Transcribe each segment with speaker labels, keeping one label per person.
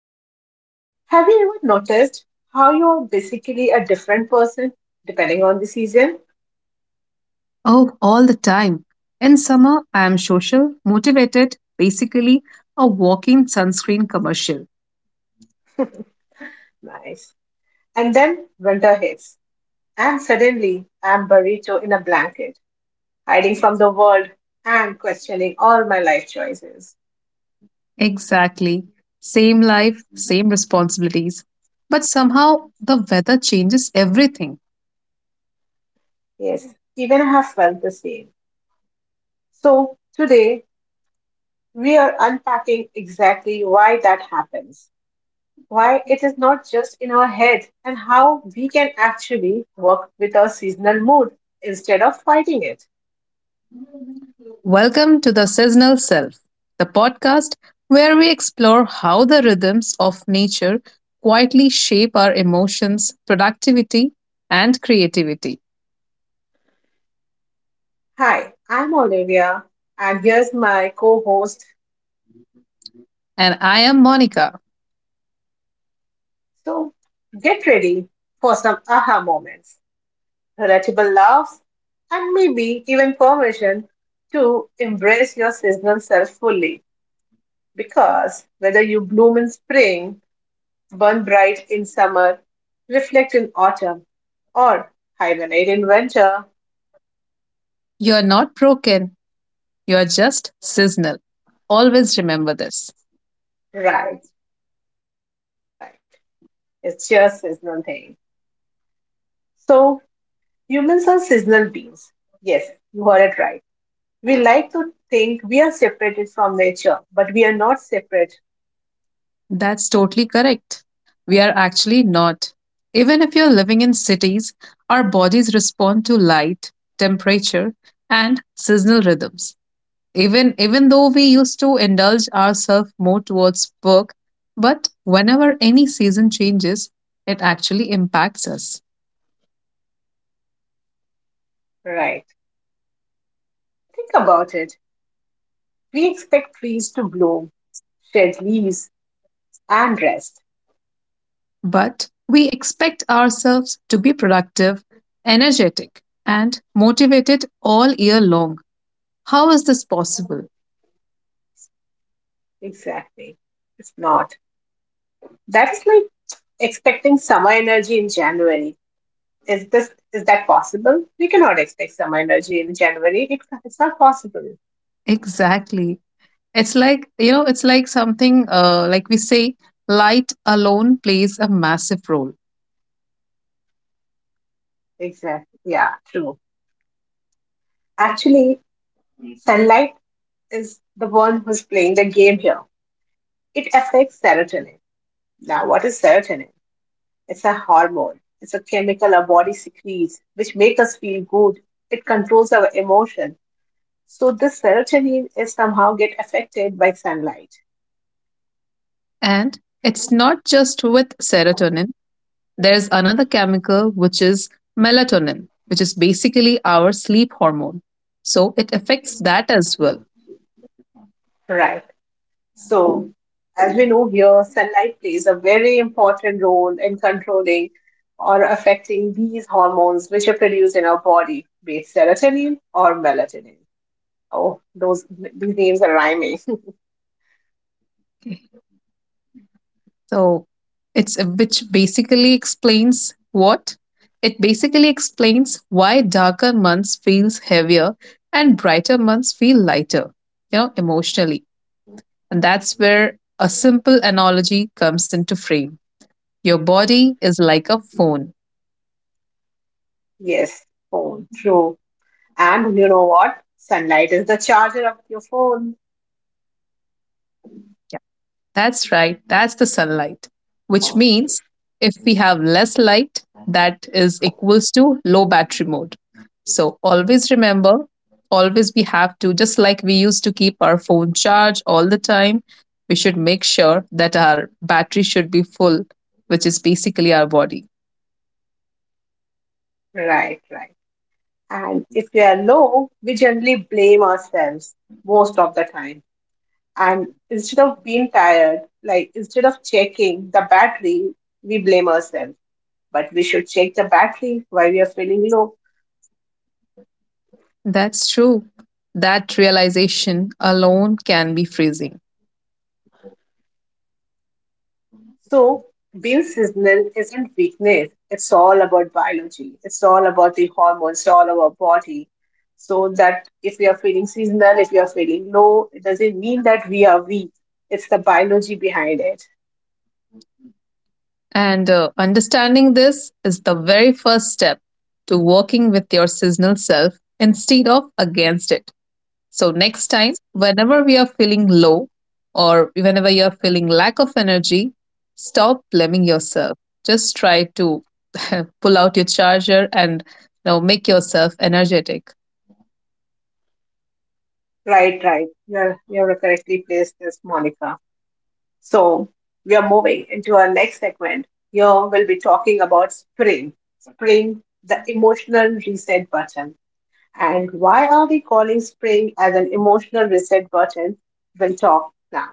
Speaker 1: Monica. Have you ever noticed how you are basically a different person depending on the season?
Speaker 2: Oh, all the time. In summer, I am social, motivated, basically a walking sunscreen commercial.
Speaker 1: Nice. And then winter hits, and suddenly I'm burrito in a blanket, hiding from the world and questioning all my life choices.
Speaker 2: Exactly. Same life, same responsibilities. But somehow, the weather changes everything.
Speaker 1: Yes, even I have felt the same. So today we are unpacking exactly why that happens, why it is not just in our head, and how we can actually work with our seasonal mood instead of fighting it.
Speaker 2: Welcome to the Seasonal Self, the podcast where we explore how the rhythms of nature quietly shape our emotions, productivity, and creativity.
Speaker 1: Hi, I'm Olivia, and here's my co host.
Speaker 2: And I am Monica.
Speaker 1: So get ready for some aha moments, relatable laughs, and maybe even permission to embrace your seasonal self fully. Because whether you bloom in spring, burn bright in summer, reflect in autumn, or hibernate in winter.
Speaker 2: You are not broken, you're just seasonal. Always remember this.
Speaker 1: Right, right. It's just seasonal thing. So humans are seasonal beings. Yes, you heard it right. We like to think we are separated from nature, but we are not separate.
Speaker 2: That's totally correct. We are actually not. Even if you're living in cities, our bodies respond to light, temperature, and seasonal rhythms. Even though we used to indulge ourselves more towards work, but whenever any season changes, it actually impacts us.
Speaker 1: Right. Think about it. We expect trees to bloom, shed leaves, and rest.
Speaker 2: But we expect ourselves to be productive, energetic, and motivated all year long. How is this possible?
Speaker 1: Exactly. It's not. That's like expecting summer energy in January. Is this is that possible? We cannot expect summer energy in January. It's not possible.
Speaker 2: Exactly. It's like, you know, it's like something like we say, light alone plays a massive role.
Speaker 1: Exactly. Yeah, true. Actually, sunlight is the one who's playing the game here. It affects serotonin. Now, what is serotonin? It's a hormone. It's a chemical our body secretes, which makes us feel good. It controls our emotion. So this serotonin is somehow get affected by sunlight.
Speaker 2: And it's not just with serotonin, there's another chemical which is melatonin, which is basically our sleep hormone. So it affects that as well.
Speaker 1: Right. So as we know here, sunlight plays a very important role in controlling or affecting these hormones which are produced in our body, be it serotonin or melatonin. Oh, those these names are rhyming.
Speaker 2: So it's which basically explains what? It basically explains why darker months feels heavier and brighter months feel lighter, you know, emotionally. And that's where a simple analogy comes into frame. Your body is like a phone.
Speaker 1: Yes, phone. True. And you know what? Sunlight is the charger of your phone.
Speaker 2: That's right, that's the sunlight, which means if we have less light, that is equals to low battery mode. So always remember, always we have to, just like we used to keep our phone charged all the time, we should make sure that our battery should be full, which is basically our body.
Speaker 1: Right, right. And if we are low, we generally blame ourselves most of the time. And instead of being tired, like instead of checking the battery, we blame ourselves. But we should check the battery while we are feeling low.
Speaker 2: That's true. That realization alone can be freezing.
Speaker 1: So, being seasonal isn't weakness. It's all about biology. It's all about the hormones, it's all about body. So that if we are feeling seasonal, if we are feeling low, it doesn't mean that we are weak. It's the biology behind it.
Speaker 2: And understanding this is the very first step to working with your seasonal self instead of against it. So, next time, whenever we are feeling low or whenever you're feeling lack of energy, stop blaming yourself. Just try to pull out your charger and make yourself energetic.
Speaker 1: Right, right. You're correctly placed this, Monica. So we are moving into our next segment. Here we'll be talking about spring. Spring, the emotional reset button. And why are we calling spring as an emotional reset button? We'll talk now.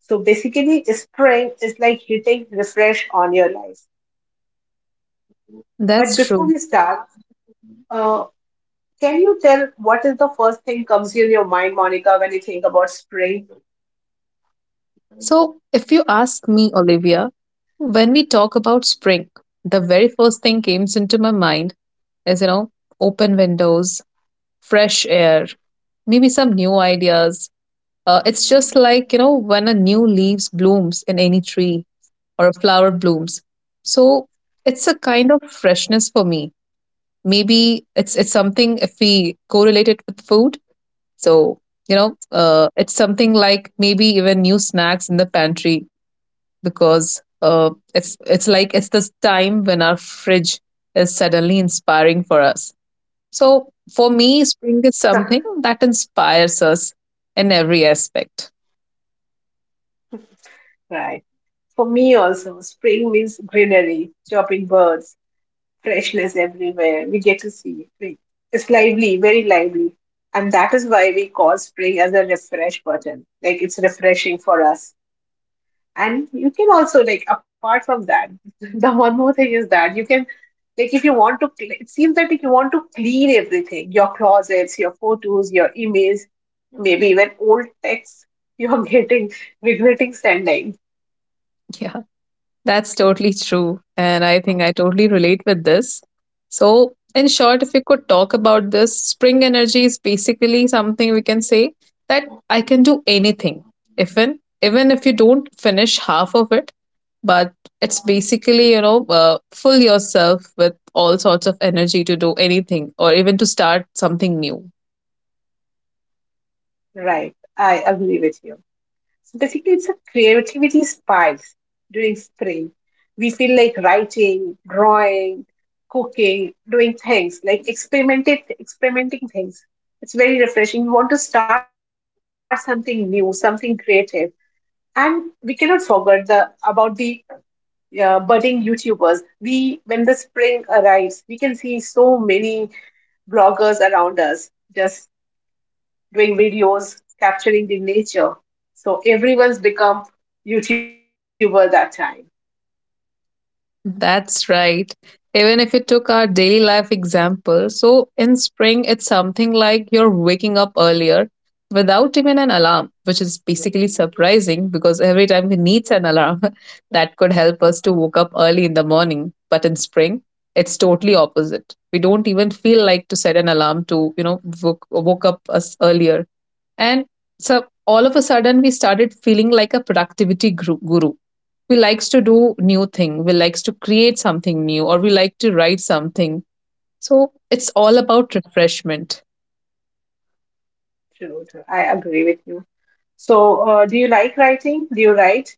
Speaker 1: So basically, spring is like hitting refresh on your life. But
Speaker 2: That's
Speaker 1: before
Speaker 2: true.
Speaker 1: we start, uh, can you tell what is the first thing comes in your mind, Monica, when you think about spring?
Speaker 2: So, if you ask me, Olivia, when we talk about spring, the very first thing comes into my mind is, open windows, fresh air, maybe some new ideas. It's just like, when a new leaves blooms in any tree, or a flower blooms. So it's a kind of freshness for me. Maybe it's something if we correlate it with food. So it's something like maybe even new snacks in the pantry because it's like it's this time when our fridge is suddenly inspiring for us. So for me, spring is something that inspires us in every aspect.
Speaker 1: Right. For me also, spring means greenery, chirping birds, freshness everywhere. We get to see it. It's lively, very lively. And that is why we call spring as a refresh button. Like it's refreshing for us. And you can also, like, apart from that, the one more thing is that you can, like, if you want to, it seems that if you want to clean everything, your closets, your photos, your emails, maybe even old texts, you're getting, regretting sending.
Speaker 2: Yeah, that's totally true. And I think I totally relate with this. So, in short, if we could talk about this, spring energy is basically something we can say that I can do anything, even if you don't finish half of it. But it's basically full yourself with all sorts of energy to do anything or even to start something new.
Speaker 1: Right. I agree with you. So basically, it's a creativity spikes during spring. We feel like writing, drawing, cooking, doing things like experimenting, experimenting things. It's very refreshing. We want to start something new, something creative, and we cannot forget the about the budding YouTubers. We when the spring arrives, we can see so many bloggers around us just doing videos, capturing the nature. So everyone's become YouTuber that time.
Speaker 2: That's right. Even if you took our daily life example, so in spring, it's something like you're waking up earlier without even an alarm, which is basically surprising because every time we needs an alarm that could help us to wake up early in the morning. But in spring, it's totally opposite. We don't even feel like to set an alarm to, woke up us earlier. And so all of a sudden, we started feeling like a productivity guru. We likes to do new thing. We likes to create something new, or we like to write something. So it's all about refreshment.
Speaker 1: True, true. I agree with you. So, do you like writing? Do you write?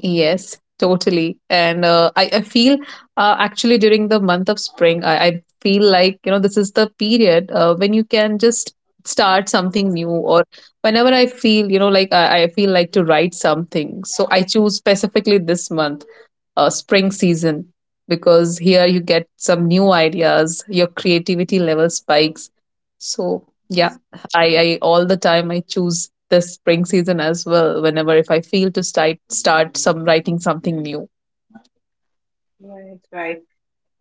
Speaker 2: Yes, totally. And I feel actually during the month of spring, I feel like this is the period when you can just start something new or whenever I feel like I feel like to write something, so I choose specifically this month, spring season, because here you get some new ideas, your creativity level spikes. So yeah, I all the time I choose the spring season as well whenever if I feel to start some writing something new.
Speaker 1: Right, right.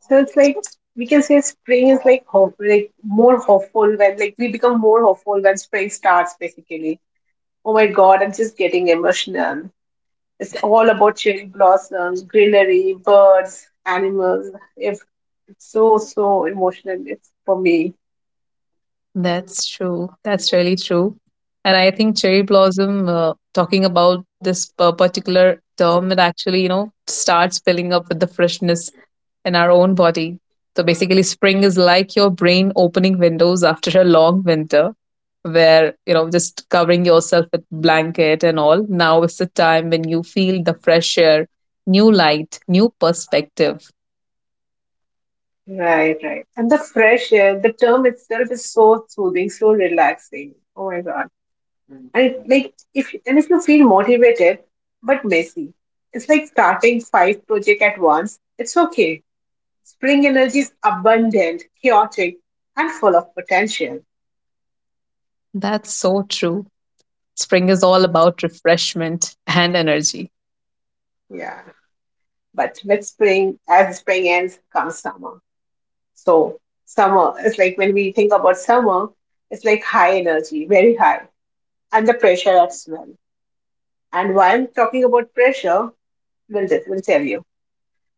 Speaker 1: So it's like we can say spring is like hope, like more hopeful when like we become more hopeful when spring starts. Basically, oh my God, I'm just getting emotional. It's all about cherry blossoms, greenery, birds, animals. If it's so so emotional, it's for me.
Speaker 2: That's true. That's really true. And I think cherry blossom, talking about this particular term, it actually, starts filling up with the freshness in our own body. So basically, spring is like your brain opening windows after a long winter, where, just covering yourself with blanket and all. Now is the time when you feel the fresh air, new light, new perspective.
Speaker 1: Right, right. And the fresh air, the term itself is so soothing, so relaxing. Oh my God. And it, like if and if you feel motivated but messy, it's like starting five projects at once. It's okay. Spring energy is abundant, chaotic, and full of potential.
Speaker 2: That's so true. Spring is all about refreshment and energy.
Speaker 1: Yeah. But with spring, as spring ends, comes summer. So summer is like when we think about summer, it's like high energy, very high, and the pressure as well. And while talking about pressure, we'll, just, we'll tell you.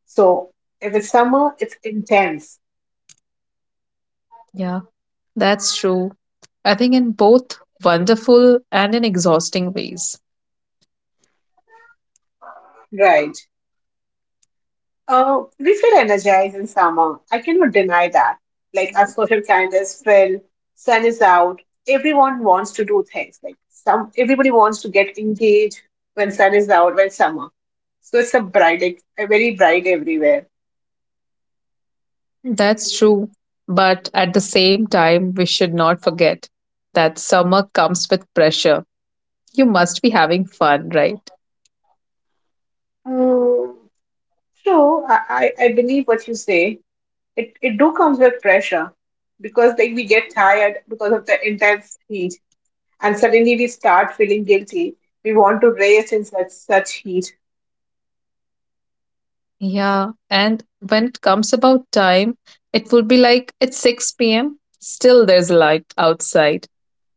Speaker 1: So, if it's summer, it's intense,
Speaker 2: Yeah. That's true. I think in both wonderful and in exhausting ways.
Speaker 1: right? We feel energized in summer. I cannot deny that. Like, our social calendars fill, sun is out, everyone wants to do things. Like, some everybody wants to get engaged when sun is out, when summer. So, it's a bright, like, a very bright everywhere.
Speaker 2: That's true. But at the same time, we should not forget that summer comes with pressure. You must be having fun, right?
Speaker 1: Mm, true, I believe what you say. It do comes with pressure because like we get tired because of the intense heat and suddenly we start feeling guilty, we want to race in such such heat.
Speaker 2: Yeah. And when it comes about time, it would be like it's 6 p.m., still there's a light outside.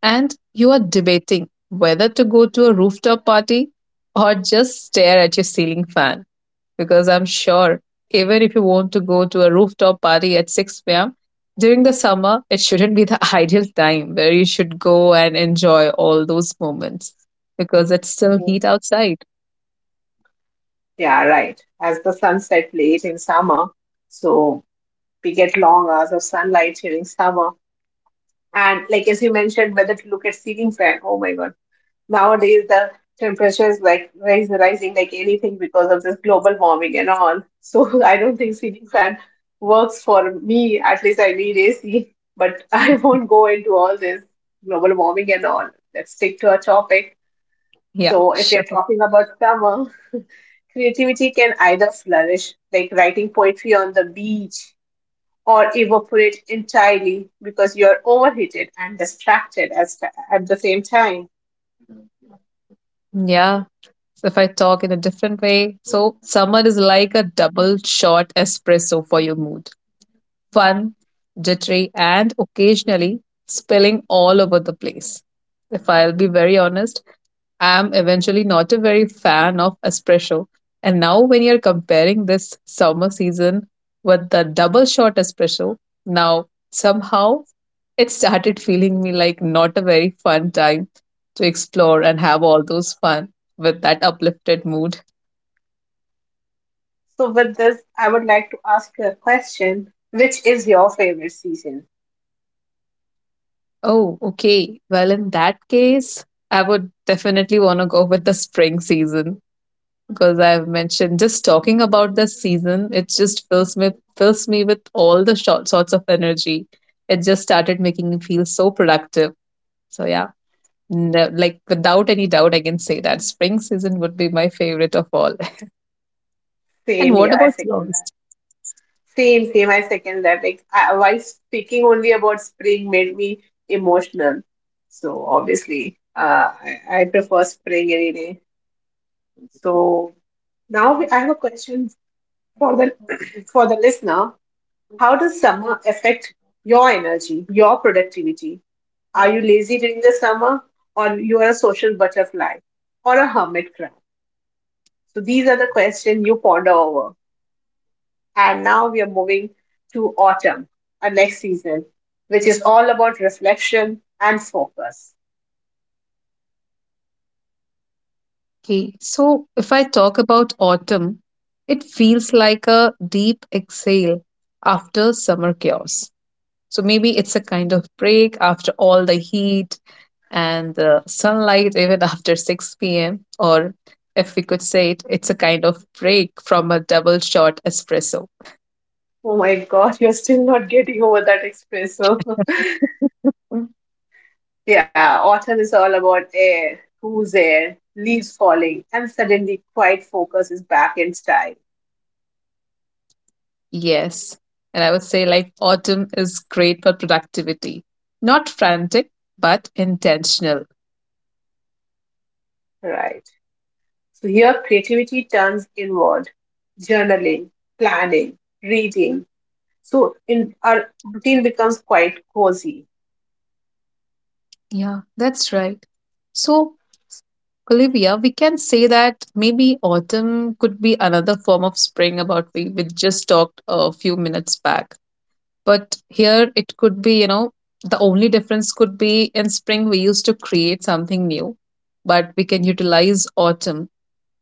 Speaker 2: And you are debating whether to go to a rooftop party or just stare at your ceiling fan, because I'm sure even if you want to go to a rooftop party at 6 p.m. during the summer, it shouldn't be the ideal time where you should go and enjoy all those moments because it's still heat outside.
Speaker 1: Yeah, right, as the sun set late in summer, so we get long hours of sunlight during summer. And like as you mentioned whether to look at ceiling fan, oh my god. Nowadays, the temperature is like rising like anything because of this global warming and all. So I don't think ceiling fan works for me. At least I need AC, but I won't go into all this global warming and all. Let's stick to our topic.
Speaker 2: Yeah,
Speaker 1: So if you're
Speaker 2: sure.
Speaker 1: talking about summer, creativity can either flourish, like writing poetry on the beach, or evaporate entirely because you're overheated and distracted as at the same time.
Speaker 2: Yeah. So if I talk in a different way. So, summer is like a double shot espresso for your mood, fun, jittery, and occasionally spilling all over the place. If I'll be very honest, I'm eventually not a very fan of espresso. And now, when you're comparing this summer season with the double shot espresso, now somehow it started feeling me like not a very fun time to explore and have all those fun with that uplifted mood.
Speaker 1: So, with this, I would like to ask you a question. Which is your favorite season?
Speaker 2: Oh, okay. Well, in that case, I would definitely want to go with the spring season because I've mentioned just talking about this season, it just fills me with all the short sorts of energy. It just started making me feel so productive. So yeah, no, like without any doubt, I can say that spring season would be my favorite of all. And
Speaker 1: Same
Speaker 2: what
Speaker 1: here, I
Speaker 2: about
Speaker 1: second
Speaker 2: yours?
Speaker 1: that. Same, same, I second that. Like, I, while speaking only about spring made me emotional. So, obviously, I prefer spring any day. So, now we, I have a question for the for the listener. How does summer affect your energy, your productivity? Are you lazy during the summer, or you are a social butterfly or a hermit crab? So these are the questions you ponder over. And now we are moving to autumn, our next season, which is all about reflection and focus.
Speaker 2: Okay, so if I talk about autumn, it feels like a deep exhale after summer chaos. So maybe it's a kind of break after all the heat and the sunlight, even after 6 p.m. Or if we could say it, it's a kind of break from a double shot espresso.
Speaker 1: Oh my god, you're still not getting over that espresso.
Speaker 2: Mm.
Speaker 1: Yeah, autumn is all about air, cool air, leaves falling, and suddenly quiet focus is back in style.
Speaker 2: Yes. And I would say, like, autumn is great for productivity. Not frantic, but intentional.
Speaker 1: Right. So here creativity turns inward. Journaling, planning, reading. So in our routine becomes quite cozy.
Speaker 2: Yeah, that's right. So, Olivia, we can say that maybe autumn could be another form of spring about we just talked a few minutes back. But here it could be, the only difference could be: in spring we used to create something new, but we can utilize autumn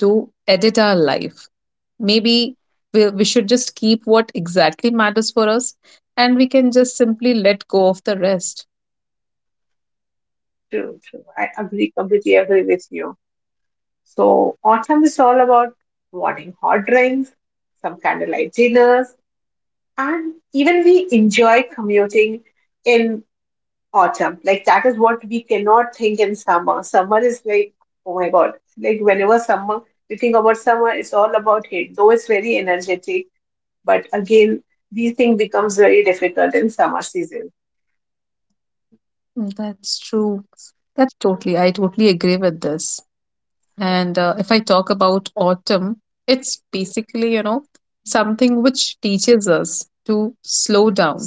Speaker 2: to edit our life. Maybe we should just keep what exactly matters for us, and we can just simply let go of the rest.
Speaker 1: True, true. I agree, completely agree with you. So, autumn is all about morning hot drinks, some candlelight dinners, and even we enjoy commuting in autumn. Like, that is what we cannot think in summer. Summer is like, oh my God, like, whenever summer, we think about summer, it's all about heat, though it's very energetic. But again, these things becomes very difficult in summer season.
Speaker 2: Mm, that's true. That's totally, I totally agree with this. And if I talk about autumn, it's basically something which teaches us to slow down.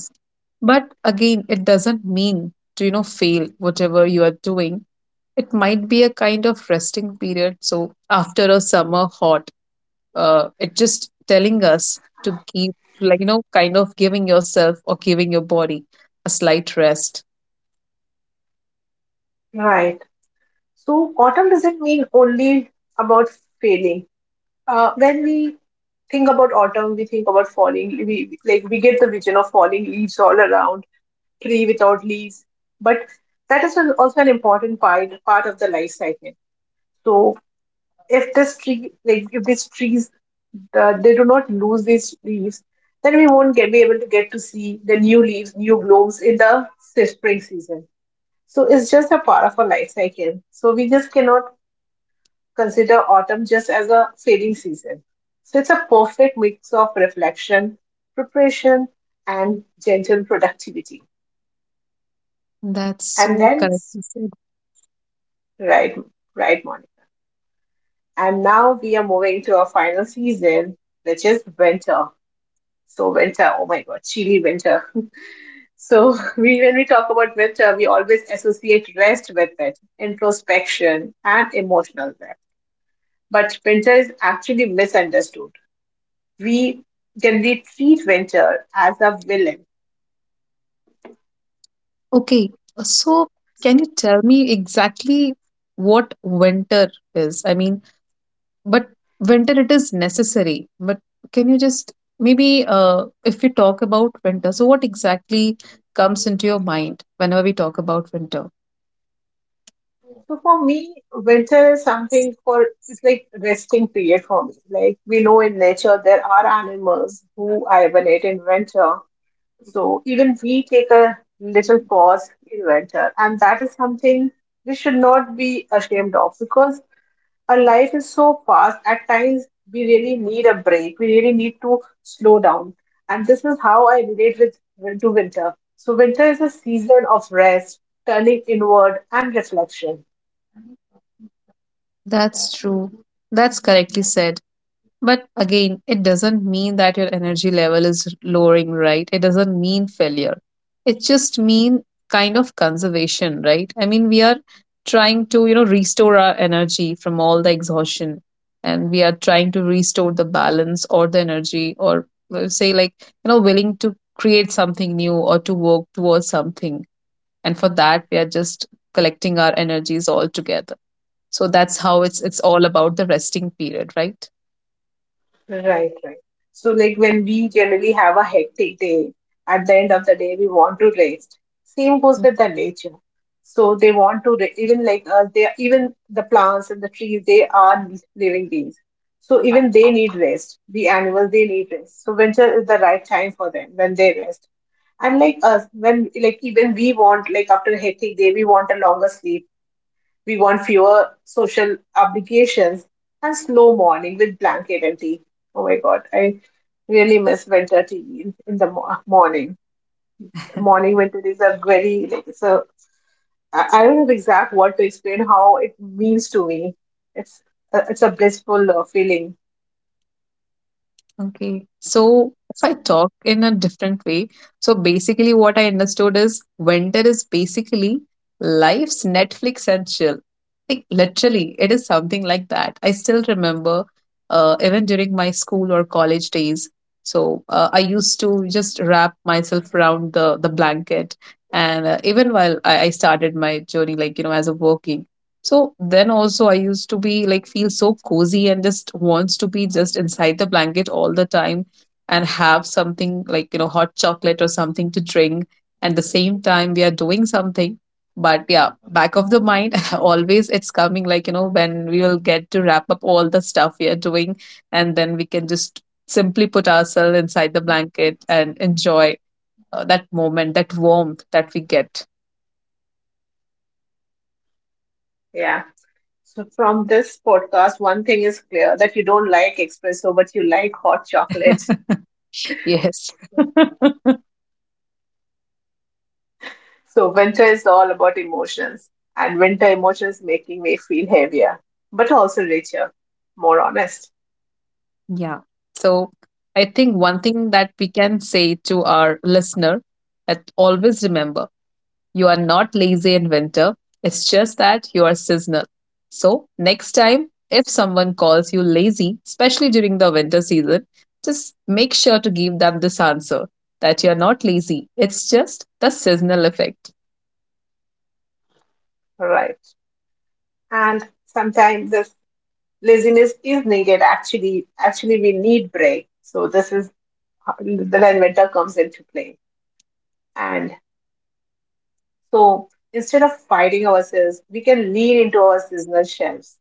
Speaker 2: But again, it doesn't mean to, fail whatever you are doing. It might be a kind of resting period. So after a summer hot, it just telling us to keep, like, kind of giving yourself or giving your body a slight rest.
Speaker 1: Right. So, autumn doesn't mean only about failing. When we think about autumn, we think about falling. We like we get the vision of falling leaves all around, tree without leaves. But that is an, also an important part of the life cycle. So if this tree, like if these trees, they do not lose these leaves, then we won't get, be able to get to see the new leaves, new blooms in the spring season. So it's just a part of our life cycle. So we just cannot consider autumn just as a fading season. So it's a perfect mix of reflection, preparation, and gentle productivity.
Speaker 2: That's
Speaker 1: And
Speaker 2: so
Speaker 1: then,
Speaker 2: correctly said.
Speaker 1: right, right, Monica. And now we are moving to our final season, which is winter. So winter, oh my god, chilly winter. So we, when we talk about winter, we always associate rest with it, introspection, and emotional depth. But winter is actually misunderstood. We generally treat winter as a villain.
Speaker 2: Okay, so can you tell me exactly what winter is? I mean, but winter it is necessary, but can you just maybe if you talk about winter, so what exactly comes into your mind whenever we talk about winter?
Speaker 1: So for me, winter is something for it's like resting period for me. Like we know in nature there are animals who hibernate in winter. So even we take a little pause in winter, and that is something we should not be ashamed of because our life is so fast, at times we really need a break. We really need to slow down. And this is how I relate with to winter. So winter is a season of rest, turning inward and reflection.
Speaker 2: That's true. That's correctly said. But again, it doesn't mean that your energy level is lowering, right? It doesn't mean failure. It just mean kind of conservation, right? I mean, we are trying to, restore our energy from all the exhaustion, and we are trying to restore the balance or the energy, or let's say like, willing to create something new or to work towards something. And for that, we are just collecting our energies all together. So that's how it's all about the resting period, right?
Speaker 1: Right, right. So, like when we generally have a hectic day, at the end of the day, we want to rest. Same goes with the nature. So they want to even like us. They are- even the plants and the trees. They are living beings. So even they need rest. The animals they need rest. So winter is the right time for them when they rest. And like us, when like even we want like after a hectic day, we want a longer sleep, we want fewer social obligations, and slow morning with blanket and tea. Oh my god, I really miss winter tea in the morning. Morning winter is a very like it's a I don't know the exact word to explain how it means to me. It's it's a blissful feeling.
Speaker 2: Okay, so if I talk in a different way, so basically what I understood is winter is basically life's Netflix and chill. Like literally, it is something like that. I still remember, even during my school or college days. So I used to just wrap myself around the blanket, and even while I started my journey, like as a working, so then also I used to be like feel so cozy and just wants to be just inside the blanket all the time and have something like hot chocolate or something to drink and the same time we are doing something, but yeah, back of the mind always it's coming like when we will get to wrap up all the stuff we are doing and then we can just simply put ourselves inside the blanket and enjoy that moment, that warmth that we get.
Speaker 1: Yeah. So from this podcast, one thing is clear that you don't like espresso, but you like hot chocolate.
Speaker 2: Yes.
Speaker 1: So winter is all about emotions, and winter emotions making me feel heavier, but also richer, more honest,
Speaker 2: Yeah. So I think one thing that we can say to our listener that always remember, you are not lazy in winter. It's just that you are seasonal. So next time, if someone calls you lazy, especially during the winter season, just make sure to give them this answer that you're not lazy. It's just the seasonal effect.
Speaker 1: right? And sometimes this laziness is needed. Actually we need break. So this is then winter comes into play, and so instead of fighting ourselves, we can lean into our seasonal shelves.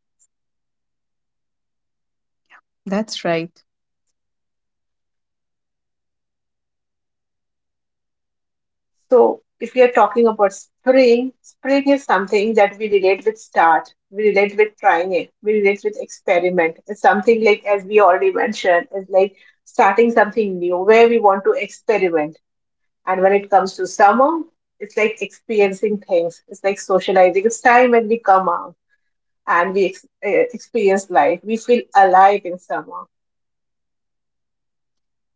Speaker 2: That's right.
Speaker 1: So, if we are talking about spring, is something that we relate with start, we relate with trying it, we relate with experiment. It's something like, as we already mentioned, is like starting something new where we want to experiment. And when it comes to summer, it's like experiencing things, it's like socializing. It's time when we come out and we experience life. We feel alive in summer.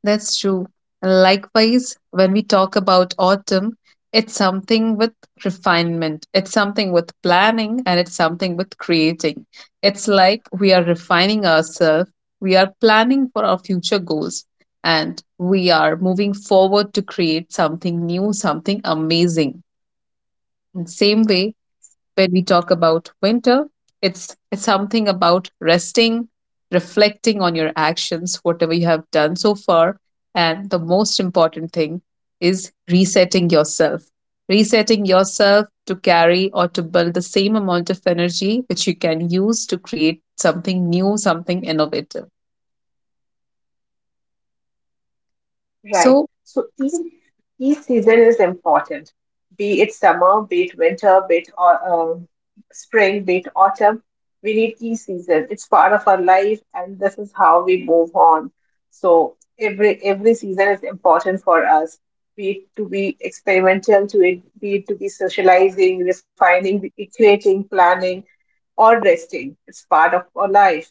Speaker 2: That's true. Likewise, when we talk about autumn, it's something with refinement, it's something with planning, and it's something with creating. It's like we are refining ourselves, we are planning for our future goals, and we are moving forward to create something new, something amazing. In same way, when we talk about winter, it's something about resting, reflecting on your actions, whatever you have done so far, and the most important thing is resetting yourself. Resetting yourself to carry or to build the same amount of energy which you can use to create something new, something innovative.
Speaker 1: Right.
Speaker 2: So,
Speaker 1: So each season is important, be it summer, be it winter, be it spring, be it autumn. We need each season. It's part of our life, and this is how we move on. So every season is important for us. Be it to be experimental, to be socializing, refining, creating, planning, or resting. It's part of our life.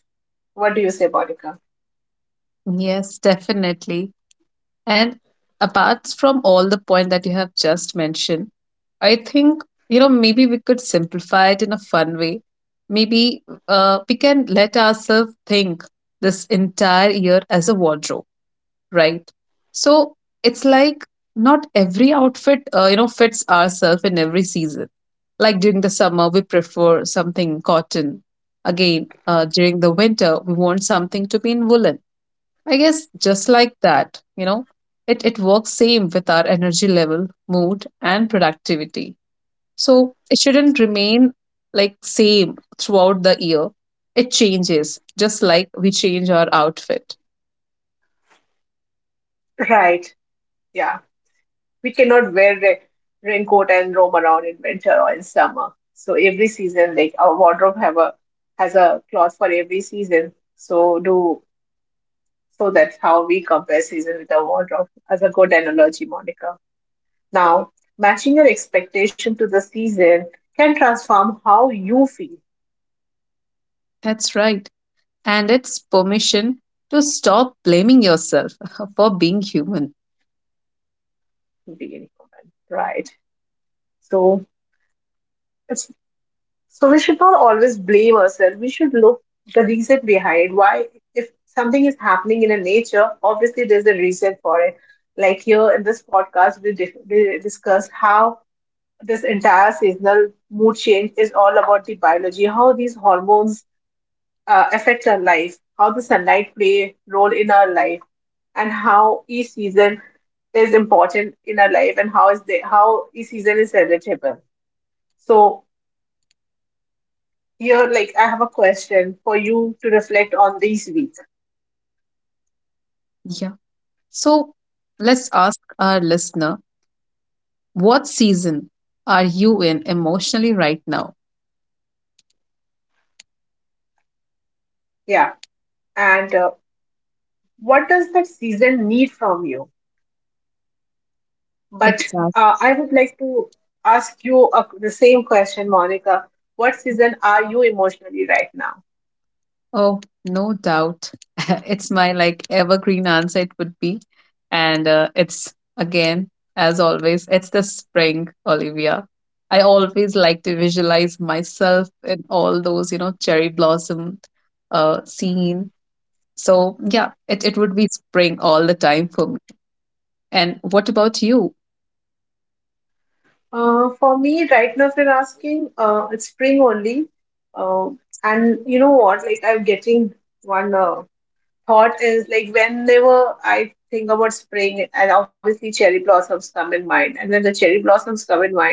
Speaker 1: What do you say, Monica?
Speaker 2: yes, definitely. And apart from all the point that you have just mentioned, I think maybe we could simplify it in a fun way. Maybe we can let ourselves think this entire year as a wardrobe, right? So it's like not every outfit fits ourselves in every season. Like during the summer, we prefer something cotton. Again, during the winter, we want something to be in woolen. I guess just like that, it works same with our energy level, mood, and productivity. So it shouldn't remain like same throughout the year. It changes just like we change our outfit.
Speaker 1: Right. Yeah. We cannot wear a raincoat and roam around in winter or in summer. So every season, like our wardrobe have a has a cloth for every season. So that's how we compare season with our wardrobe as a good analogy, Monica. Now, matching your expectation to the season can transform how you feel
Speaker 2: That's right. And it's permission to stop blaming yourself for being human.
Speaker 1: being human, right? So it's So we should not always blame ourselves. We should look the reason behind why if something is happening in a nature, obviously there's a reason for it. Like here in this podcast, we discuss how this entire seasonal mood change is all about the biology, how these hormones affect our life, how the sunlight play role in our life, and how each season is important in our life, and how each season is relatable. So here, like, I have a question for you to reflect on these weeks.
Speaker 2: Yeah. So let's ask our listener, what season are you in emotionally right now?
Speaker 1: Yeah. And what does that season need from you? But
Speaker 2: Exactly.
Speaker 1: I would like to ask you the same question, Monica. What season are you emotionally right now?
Speaker 2: Oh, no doubt. It's my like evergreen answer it would be. And it's again, as always, it's the spring, Olivia. I always like to visualize myself in all those, you know, cherry blossom scene. So yeah, it would be spring all the time for me. And what about you?
Speaker 1: For me, right now, if you're asking, it's spring only. Uh, and you know what? Like, I'm getting one thought is like, whenever I think about spring, and obviously cherry blossoms come in mind. And when the cherry blossoms come in mind,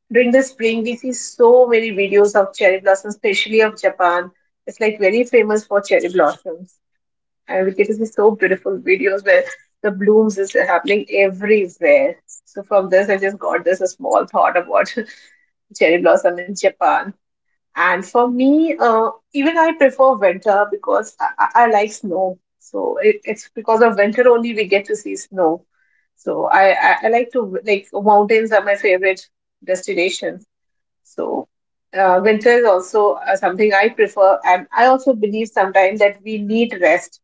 Speaker 1: during the spring, we see so many videos of cherry blossoms, especially of Japan. It's like very famous for cherry blossoms. And we get to see so beautiful videos where the blooms is happening everywhere. So from this, I just got this a small thought about cherry blossom in Japan. And for me, even I prefer winter because I like snow. So it's because of winter only we get to see snow. So I like to like mountains are my favorite destination. So, winter is also something I prefer. And I also believe sometimes that we need rest.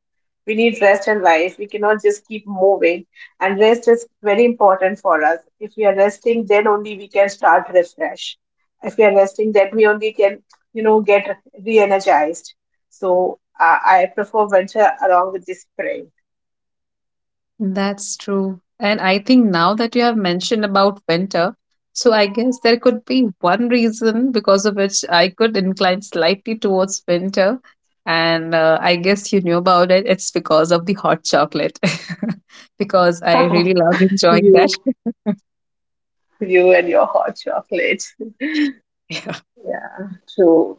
Speaker 1: We need rest in life. We cannot just keep moving. And rest is very important for us. If we are resting, then only we can start refresh. If we are resting, then we only can, you know, get re energized. So, I prefer winter along with the spring.
Speaker 2: That's true. And I think now that you have mentioned about winter, so I guess there could be one reason because of which I could incline slightly towards winter. And I guess you knew about it. It's because of the hot chocolate, because I really love enjoying
Speaker 1: you,
Speaker 2: that.
Speaker 1: you and your hot chocolate.
Speaker 2: Yeah.
Speaker 1: Yeah, true.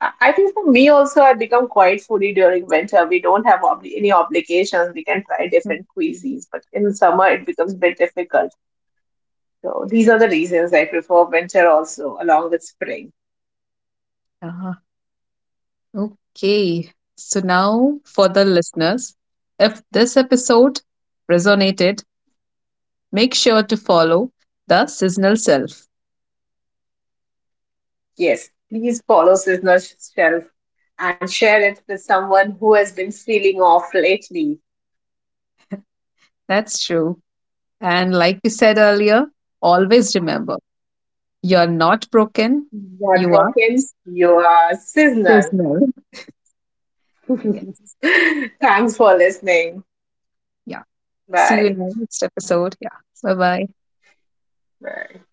Speaker 1: I think for me also, I become quite foodie during winter. We don't have obli any obligations. We can try different cuisines, but in summer it becomes a bit difficult. So these are the reasons I prefer winter also, along with spring.
Speaker 2: Uh, okay. So now for the listeners, if this episode resonated, make sure to follow the Seasonal Self.
Speaker 1: Yes, please follow Sizzler's shelf and share it with someone who has been feeling off lately.
Speaker 2: That's true. And like we said earlier, always remember you're not broken,
Speaker 1: You are
Speaker 2: you are
Speaker 1: broken. You are Sizzler.
Speaker 2: seasonal. Yes.
Speaker 1: Thanks for listening.
Speaker 2: Yeah. See you
Speaker 1: Bye.
Speaker 2: in the next episode. Yeah. Bye bye.
Speaker 1: Bye.